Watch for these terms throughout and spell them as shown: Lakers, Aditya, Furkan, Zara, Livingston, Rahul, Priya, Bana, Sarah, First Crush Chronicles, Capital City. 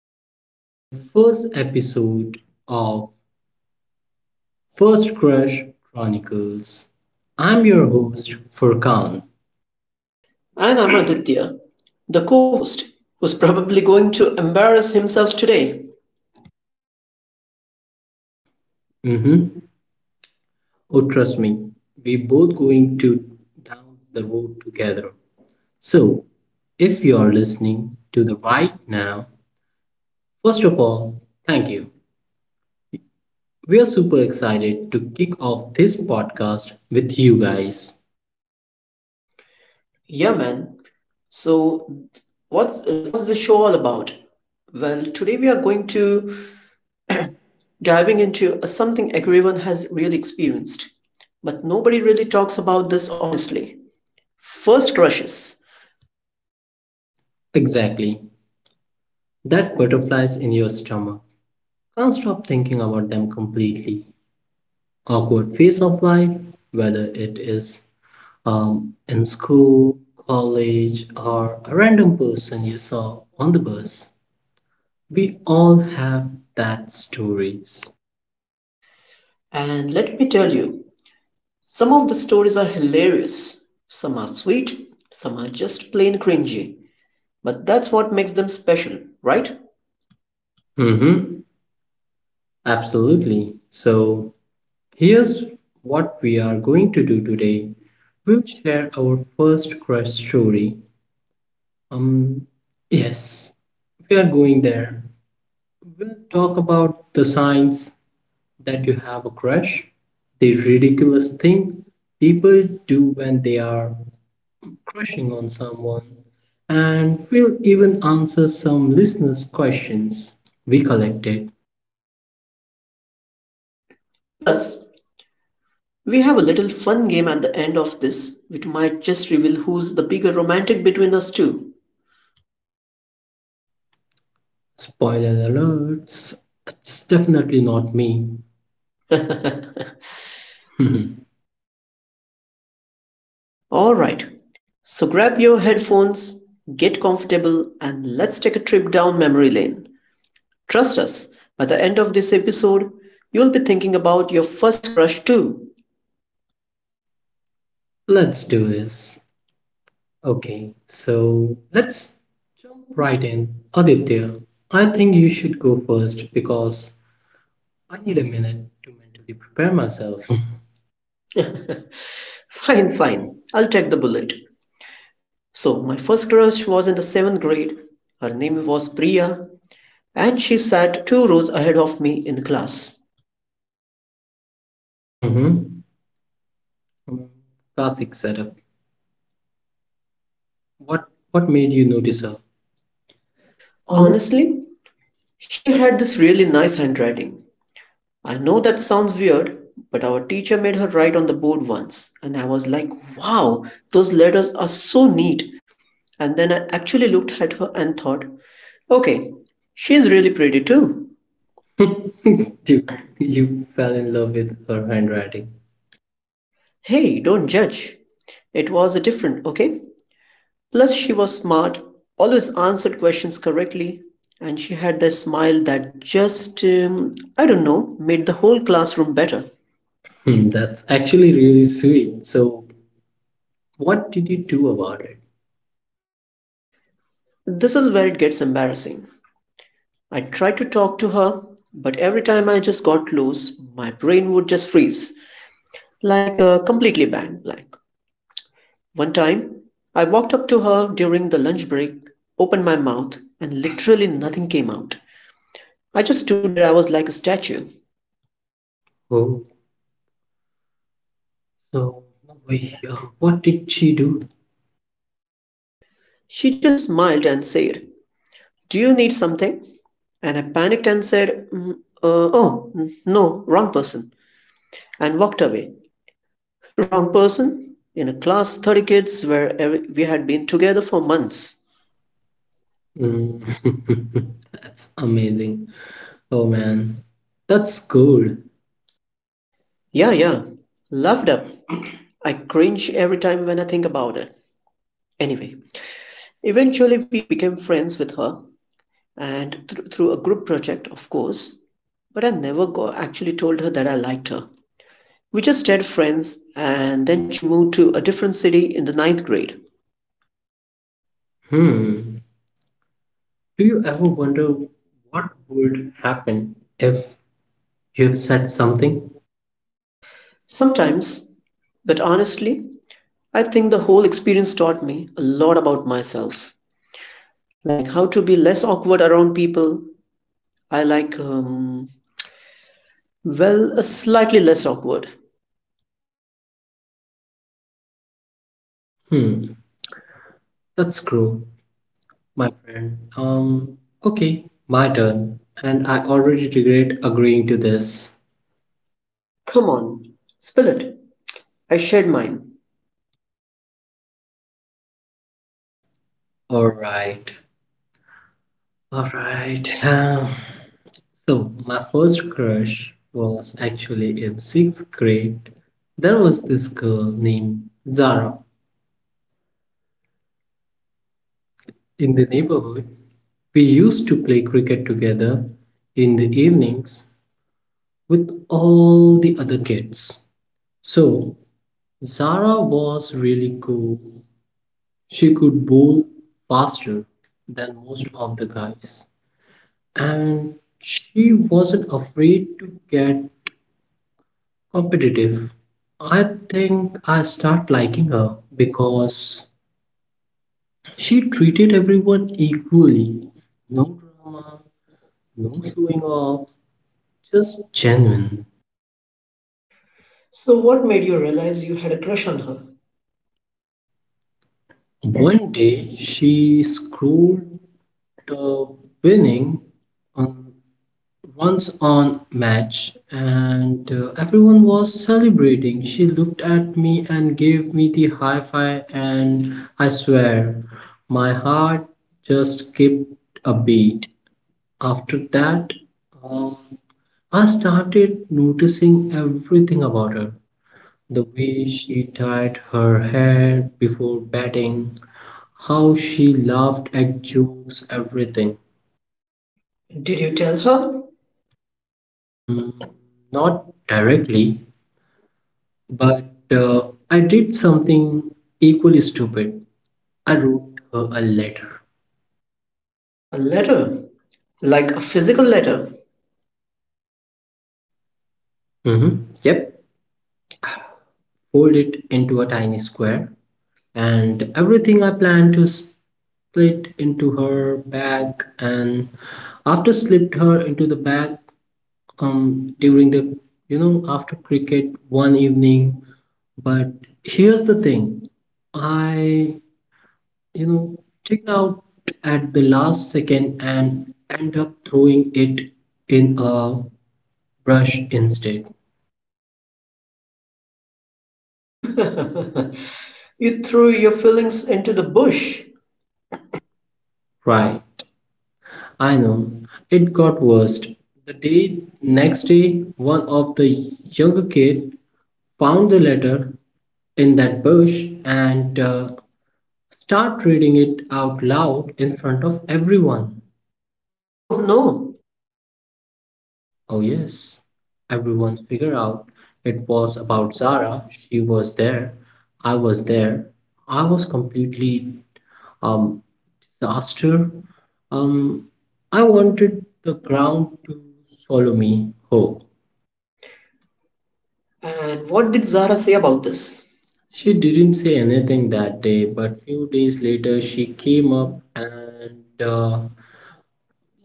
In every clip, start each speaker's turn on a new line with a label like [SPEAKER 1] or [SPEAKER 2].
[SPEAKER 1] Welcome to very first episode of First Crush Chronicles. I'm your host Furkan.
[SPEAKER 2] And I'm Aditya, the co host, who's probably going to embarrass himself today.
[SPEAKER 1] Mhm. Oh trust me, we both going to down the road together. So, if you are listening to the right now, first of all, thank you. We are super excited to kick off this podcast with you guys.
[SPEAKER 2] Yeah, man. So, what's the show all about? Well, today we are going to diving into a something everyone has really experienced, but nobody really talks about this honestly. First crushes.
[SPEAKER 1] Exactly. That butterflies in your stomach. Can't stop thinking about them completely. Awkward phase of life, whether it is in school, college, or a random person you saw on the bus. We all have that stories.
[SPEAKER 2] And let me tell you, some of the stories are hilarious, some are sweet, some are just plain cringy, but that's what makes them special, right?
[SPEAKER 1] Mm-hmm. Absolutely. So here's what we are going to do today. We'll share our first crush story. Um, yes, we are going there. We'll talk about the signs that you have a crush, the ridiculous thing people do when they are crushing on someone, and we'll even answer some listeners' questions we collected.
[SPEAKER 2] Plus, we have a little fun game at the end of this, which might just reveal who's the bigger romantic between us two.
[SPEAKER 1] Spoiler alerts, it's definitely not me.
[SPEAKER 2] Alright, so grab your headphones, get comfortable, and let's take a trip down memory lane. Trust us, by the end of this episode, you'll be thinking about your first crush too.
[SPEAKER 1] Let's do this. Okay, so let's jump right in. Aditya, I think you should go first because I need a minute to mentally prepare myself.
[SPEAKER 2] Fine, I'll take the bullet. So, my first crush was in the seventh grade. Her name was Priya, and she sat two rows ahead of me in class.
[SPEAKER 1] Mhm. mm Classic setup. What what made you notice her? Hon-
[SPEAKER 2] Honestly, she had this really nice handwriting. I know that sounds weird, but our teacher made her write on the board once, and I was like, wow, those letters are so neat. And then I actually looked at her and thought, okay, she's really pretty too.
[SPEAKER 1] Dude, you fell in love with her handwriting.
[SPEAKER 2] Hey, don't judge. It was a different, okay? Plus, she was smart, always answered questions correctly, and she had that smile that just, I don't know, made the whole classroom better.
[SPEAKER 1] Hmm, that's actually really sweet. So, what did you do about it?
[SPEAKER 2] This is where it gets embarrassing. I tried to talk to her, but every time I just got close, my brain would just freeze, like a completely bang blank. One time, I walked up to her during the lunch break, opened my mouth, and literally nothing came out. I just stood there, I was like a statue.
[SPEAKER 1] Oh, so we, what did she do?
[SPEAKER 2] She just smiled and said, "Do you need something?" And I panicked and said, Oh, no, wrong person," and walked away. Wrong person? In a class of 30 kids where every, we had been together for months.
[SPEAKER 1] Mm. That's amazing. Oh man, that's gold.
[SPEAKER 2] Yeah. Loved up. I cringe every time when I think about it. Anyway, eventually we became friends with her and through a group project, of course. But I never actually told her that I liked her. We just stayed friends and then she moved to a different city in the ninth grade.
[SPEAKER 1] Hmm. Do you ever wonder what would happen if you've said something?
[SPEAKER 2] Sometimes, but honestly, I think the whole experience taught me a lot about myself. Like how to be less awkward around people. I like, um, Slightly less awkward.
[SPEAKER 1] Hmm, that's cruel, my friend. Okay, my turn. And I already regret agreeing to this.
[SPEAKER 2] Come on, spill it. I shared mine.
[SPEAKER 1] Alright, alright. So, my first crush was actually in sixth grade. There was this girl named Zara in the neighborhood. We used to play cricket together in the evenings with all the other kids. So, Zara was really cool. She could bowl faster than most of the guys, and she wasn't afraid to get competitive. I think I start liking her because she treated everyone equally. No drama, no showing off, just genuine.
[SPEAKER 2] So, what made you realize you had a crush on her?
[SPEAKER 1] One day she scrolled the winning on once on match and everyone was celebrating, she looked at me and gave me the high five, and I swear my heart just skipped a beat. After that um, I started noticing everything about her, the way she tied her hair before batting, how she laughed at jokes, everything.
[SPEAKER 2] Did you tell her?
[SPEAKER 1] Mm, not directly. But uh, I did something equally stupid. I wrote her a letter.
[SPEAKER 2] A letter? Like a physical letter?
[SPEAKER 1] Mhm. Yep, fold it into a tiny square, and everything I planned to split into her bag, and after slipped her into the bag during the you know after cricket one evening. But here's the thing, I you know, checked out at the last second and end up throwing it in a brush instead.
[SPEAKER 2] You threw your feelings into the bush.
[SPEAKER 1] Right. I know. It got worse. The day next day, one of the younger kid found the letter in that bush and start reading it out loud in front of everyone.
[SPEAKER 2] Oh no.
[SPEAKER 1] Oh, yes. Everyone figured out it was about Zara. She was there. I was there. I was completely um disaster. Um, I wanted the ground to swallow me whole.
[SPEAKER 2] And what did Zara say about this?
[SPEAKER 1] She didn't say anything that day, but few days later she came up and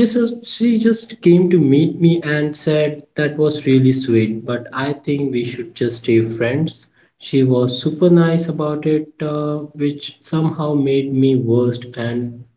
[SPEAKER 1] just she just came to meet me and said that was really sweet, but I think we should just stay friends. She was super nice about it, which somehow made me worst and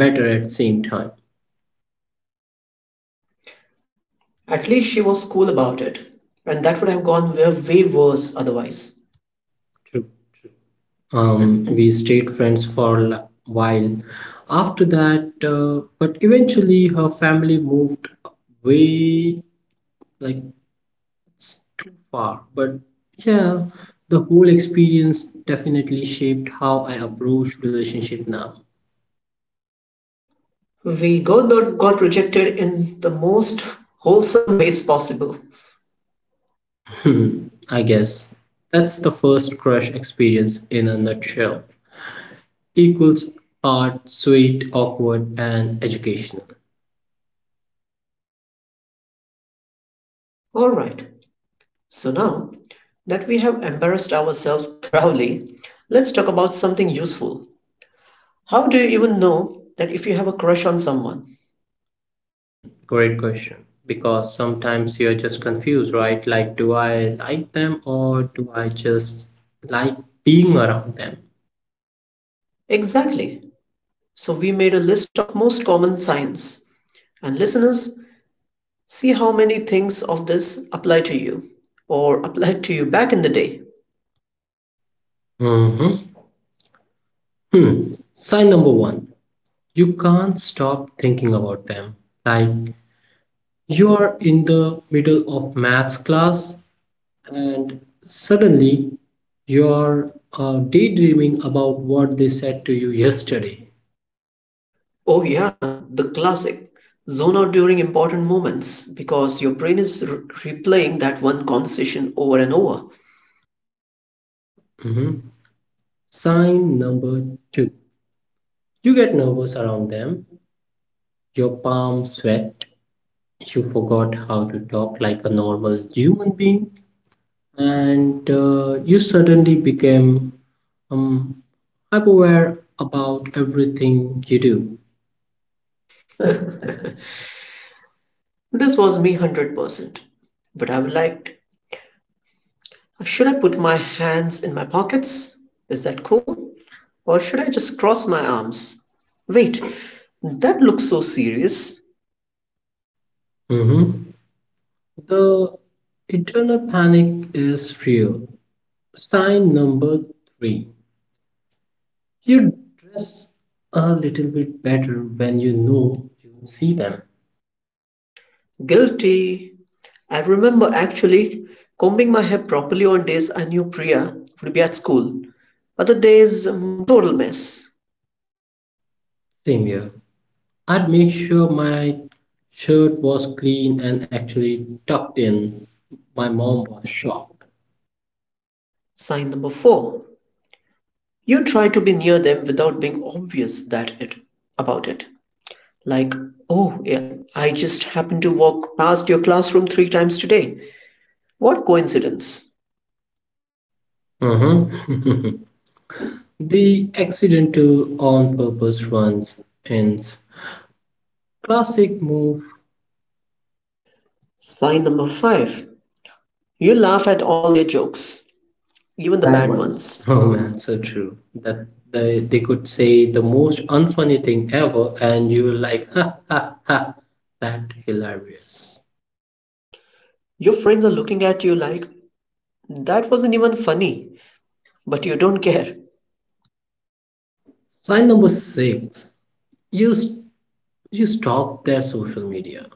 [SPEAKER 1] better at the same time.
[SPEAKER 2] At least she was cool about it. And that would have gone where way worse otherwise.
[SPEAKER 1] True. We stayed friends for a while after that, but eventually her family moved way, like, it's too far. But yeah, the whole experience definitely shaped how I approach relationship now.
[SPEAKER 2] We got rejected in the most wholesome ways possible.
[SPEAKER 1] Hmm, I guess that's the first crush experience in a nutshell. Equals part sweet, awkward, and educational.
[SPEAKER 2] Alright, so now that we have embarrassed ourselves thoroughly, let's talk about something useful. How do you even know that if you have a crush on someone?
[SPEAKER 1] Hmm, great question. Because sometimes you're just confused, right? Like, do I like them or do I just like being around them?
[SPEAKER 2] Exactly. So we made a list of most common signs. And listeners, see how many things of this apply to you or applied to you back in the day.
[SPEAKER 1] hmm Hmm. Sign number one, you can't stop thinking about them. Like you are in the middle of maths class and suddenly you're daydreaming about what they said to you yesterday.
[SPEAKER 2] Oh yeah, the classic. Zone out during important moments because your brain is replaying that one conversation over and over.
[SPEAKER 1] Mhm. Sign number two. You get nervous around them, your palms sweat, you forgot how to talk like a normal human being, and you suddenly became um, aware about everything you do.
[SPEAKER 2] This was me 100%. But I would like, should I put my hands in my pockets? Is that cool? Or should I just cross my arms? Wait, that looks so serious.
[SPEAKER 1] Mhm. The eternal panic is real. Sign number three. You dress a little bit better when you know you'll see them.
[SPEAKER 2] Guilty. I remember actually combing my hair properly on days I knew Priya would be at school. Other days, total mess.
[SPEAKER 1] Same here. I'd make sure my shirt was clean and actually tucked in. My mom was shocked.
[SPEAKER 2] Sign number four. You try to be near them without being obvious that it about it. Like, oh yeah, I just happened to walk past your classroom three times today. What coincidence?
[SPEAKER 1] Mhm. The accidental on purpose runs ends. Classic move.
[SPEAKER 2] Sign number five. You laugh at all their jokes, even the bad ones.
[SPEAKER 1] Oh man, so true. That they could say the most unfunny thing ever, and you were like, ha ha ha, that hilarious.
[SPEAKER 2] Your friends are looking at you like, that wasn't even funny, but you don't care.
[SPEAKER 1] Sign number six, use you stalk their social media,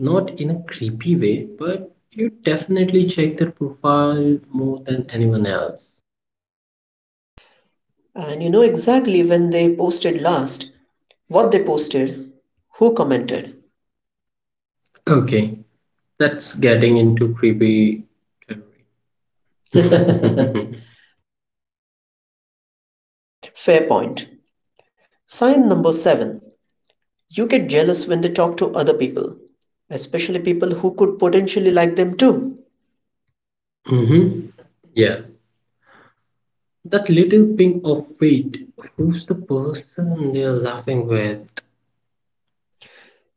[SPEAKER 1] not in a creepy way, but you definitely check their profile more than anyone else.
[SPEAKER 2] And you know exactly when they posted last, what they posted, who commented.
[SPEAKER 1] Okay, that's getting into creepy territory.
[SPEAKER 2] Fair point. Sign number seven. You get jealous when they talk to other people, especially people who could potentially like them too.
[SPEAKER 1] hmm Yeah, that little ping of wait, who's the person they're laughing with?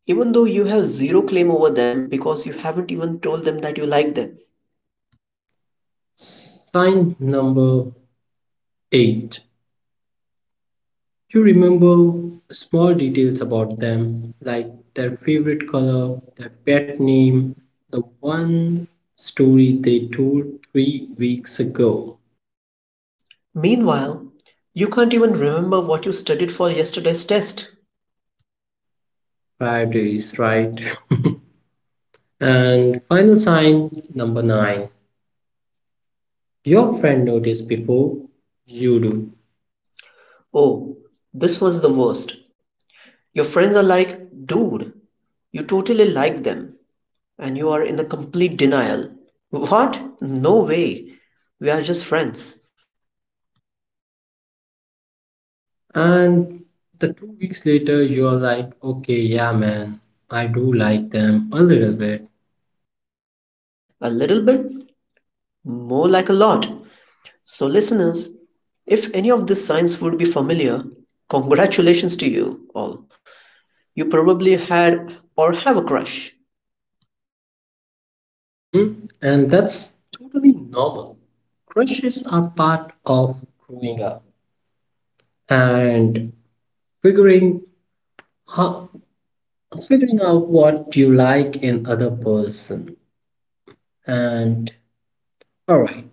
[SPEAKER 2] Even though you have zero claim over them because you haven't even told them that you like them.
[SPEAKER 1] Sign number eight. You remember small details about them, like their favorite color, their pet name, the one story they told 3 weeks ago.
[SPEAKER 2] Meanwhile, you can't even remember what you studied for yesterday's test.
[SPEAKER 1] Priorities, right? And final sign number nine. Your friend noticed before you do.
[SPEAKER 2] Oh, this was the worst. Your friends are like, dude, you totally like them, and you are in a complete denial. What? No way. We are just friends.
[SPEAKER 1] And the 2 weeks later, you're like, okay, yeah, man, I do like them a little bit.
[SPEAKER 2] A little bit, more like a lot. So, listeners, if any of these signs would be familiar, congratulations to you all. You probably had or have a crush.
[SPEAKER 1] hmm And that's totally normal. Crushes are part of growing up and figuring how, figuring out what you like in other person. And all right,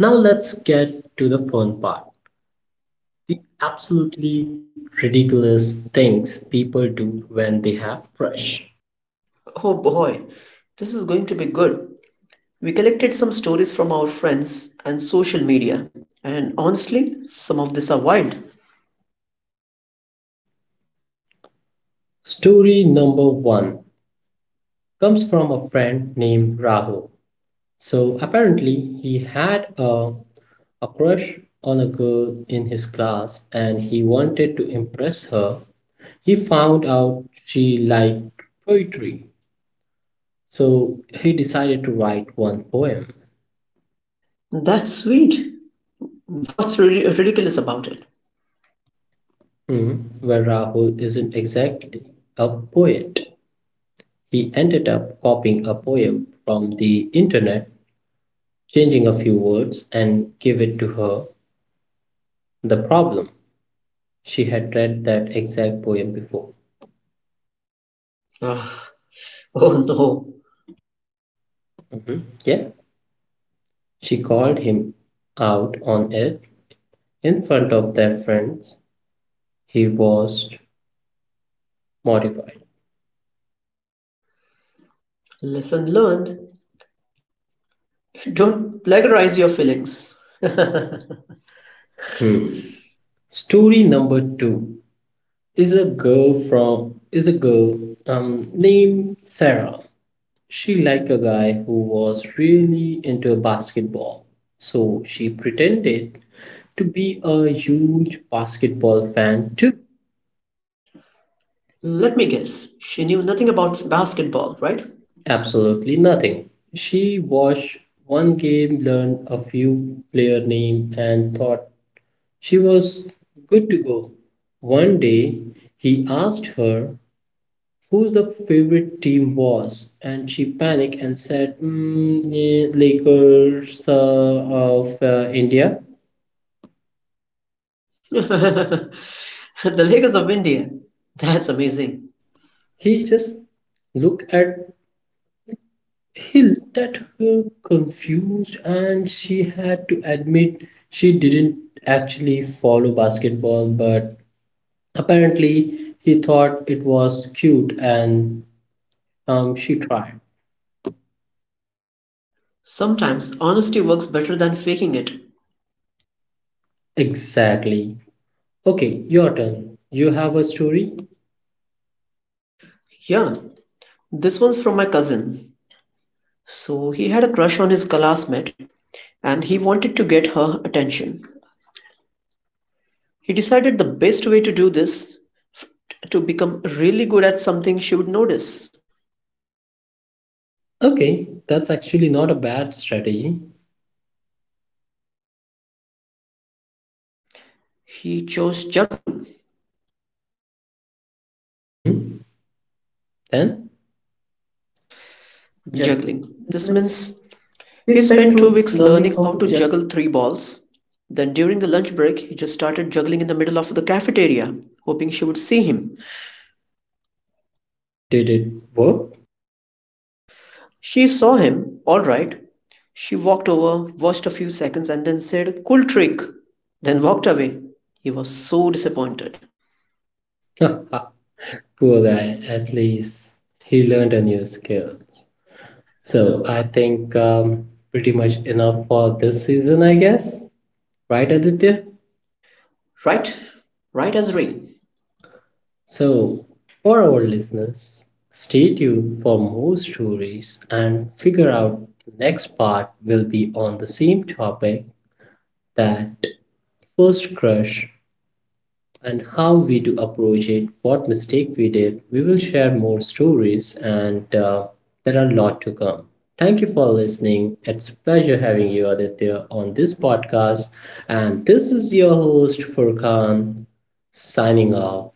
[SPEAKER 1] now let's get to the fun part. The absolutely ridiculous things people do when they have crush.
[SPEAKER 2] Oh boy, this is going to be good. We collected some stories from our friends and social media, and honestly, some of these are wild.
[SPEAKER 1] Story number one comes from a friend named Rahul. So apparently he had a crush on a girl in his class and he wanted to impress her. He found out she liked poetry. So he decided to write one poem.
[SPEAKER 2] That's sweet. What's really ridiculous about it?
[SPEAKER 1] Hmm, where Rahul isn't exactly a poet. He ended up copying a poem from the internet, changing a few words, and gave it to her. The problem. She had read that exact poem before.
[SPEAKER 2] Ugh. Oh no.
[SPEAKER 1] Mhm. Yeah. She called him out on it in front of their friends. He was mortified.
[SPEAKER 2] Lesson learned. Don't plagiarize your feelings. Let
[SPEAKER 1] Hmm. Story number two is a girl named Sarah. She liked a guy who was really into basketball. So she pretended to be a huge basketball fan too.
[SPEAKER 2] me guess. She knew nothing about basketball, right?
[SPEAKER 1] Absolutely nothing. She watched one game, learned a few player name, and thought she was good to go. One day, he asked her who the favorite team was, and she panicked and said, "Lakers of India."
[SPEAKER 2] The Lakers of India. That's amazing.
[SPEAKER 1] He just looked at He looked at her confused, and she had to admit she didn't actually follow basketball, but apparently he thought it was cute and she tried.
[SPEAKER 2] Sometimes honesty works better than faking it.
[SPEAKER 1] Exactly. Okay, your turn. You have a story?
[SPEAKER 2] Yeah, this one's from my cousin. So he had a crush on his classmate and he wanted to get her attention. He decided the best way to do this to become really good at something she would notice.
[SPEAKER 1] Okay, that's actually not a bad strategy.
[SPEAKER 2] He chose juggling.
[SPEAKER 1] Mm-hmm. Then, juggling.
[SPEAKER 2] Juggling.
[SPEAKER 1] This
[SPEAKER 2] This
[SPEAKER 1] means
[SPEAKER 2] means
[SPEAKER 1] we
[SPEAKER 2] he
[SPEAKER 1] spent
[SPEAKER 2] spent
[SPEAKER 1] two
[SPEAKER 2] 2
[SPEAKER 1] weeks
[SPEAKER 2] weeks learning
[SPEAKER 1] learning
[SPEAKER 2] how
[SPEAKER 1] how to
[SPEAKER 2] to
[SPEAKER 1] juggle.
[SPEAKER 2] juggle 3 balls. Then during the lunch break, he just started juggling in the middle of the cafeteria, hoping she would see him.
[SPEAKER 1] Did it work?
[SPEAKER 2] She saw him, all right. She walked over, watched a few seconds, and then said, "Cool trick," then walked away. He was so disappointed.
[SPEAKER 1] Poor guy, at least he learned a new skills. So
[SPEAKER 2] So
[SPEAKER 1] I think pretty much enough for this season, I guess. Right, Aditya?
[SPEAKER 2] right, right as rain.
[SPEAKER 1] So, for our listeners, stay tuned for more stories and figure out the next part will be on the same topic, that first crush and how we do approach it, what mistake we did. We will share more stories, and there are a lot to come. Thank you for listening. It's a pleasure having you, Aditya, on this podcast. And this is your host, Furkan, signing off.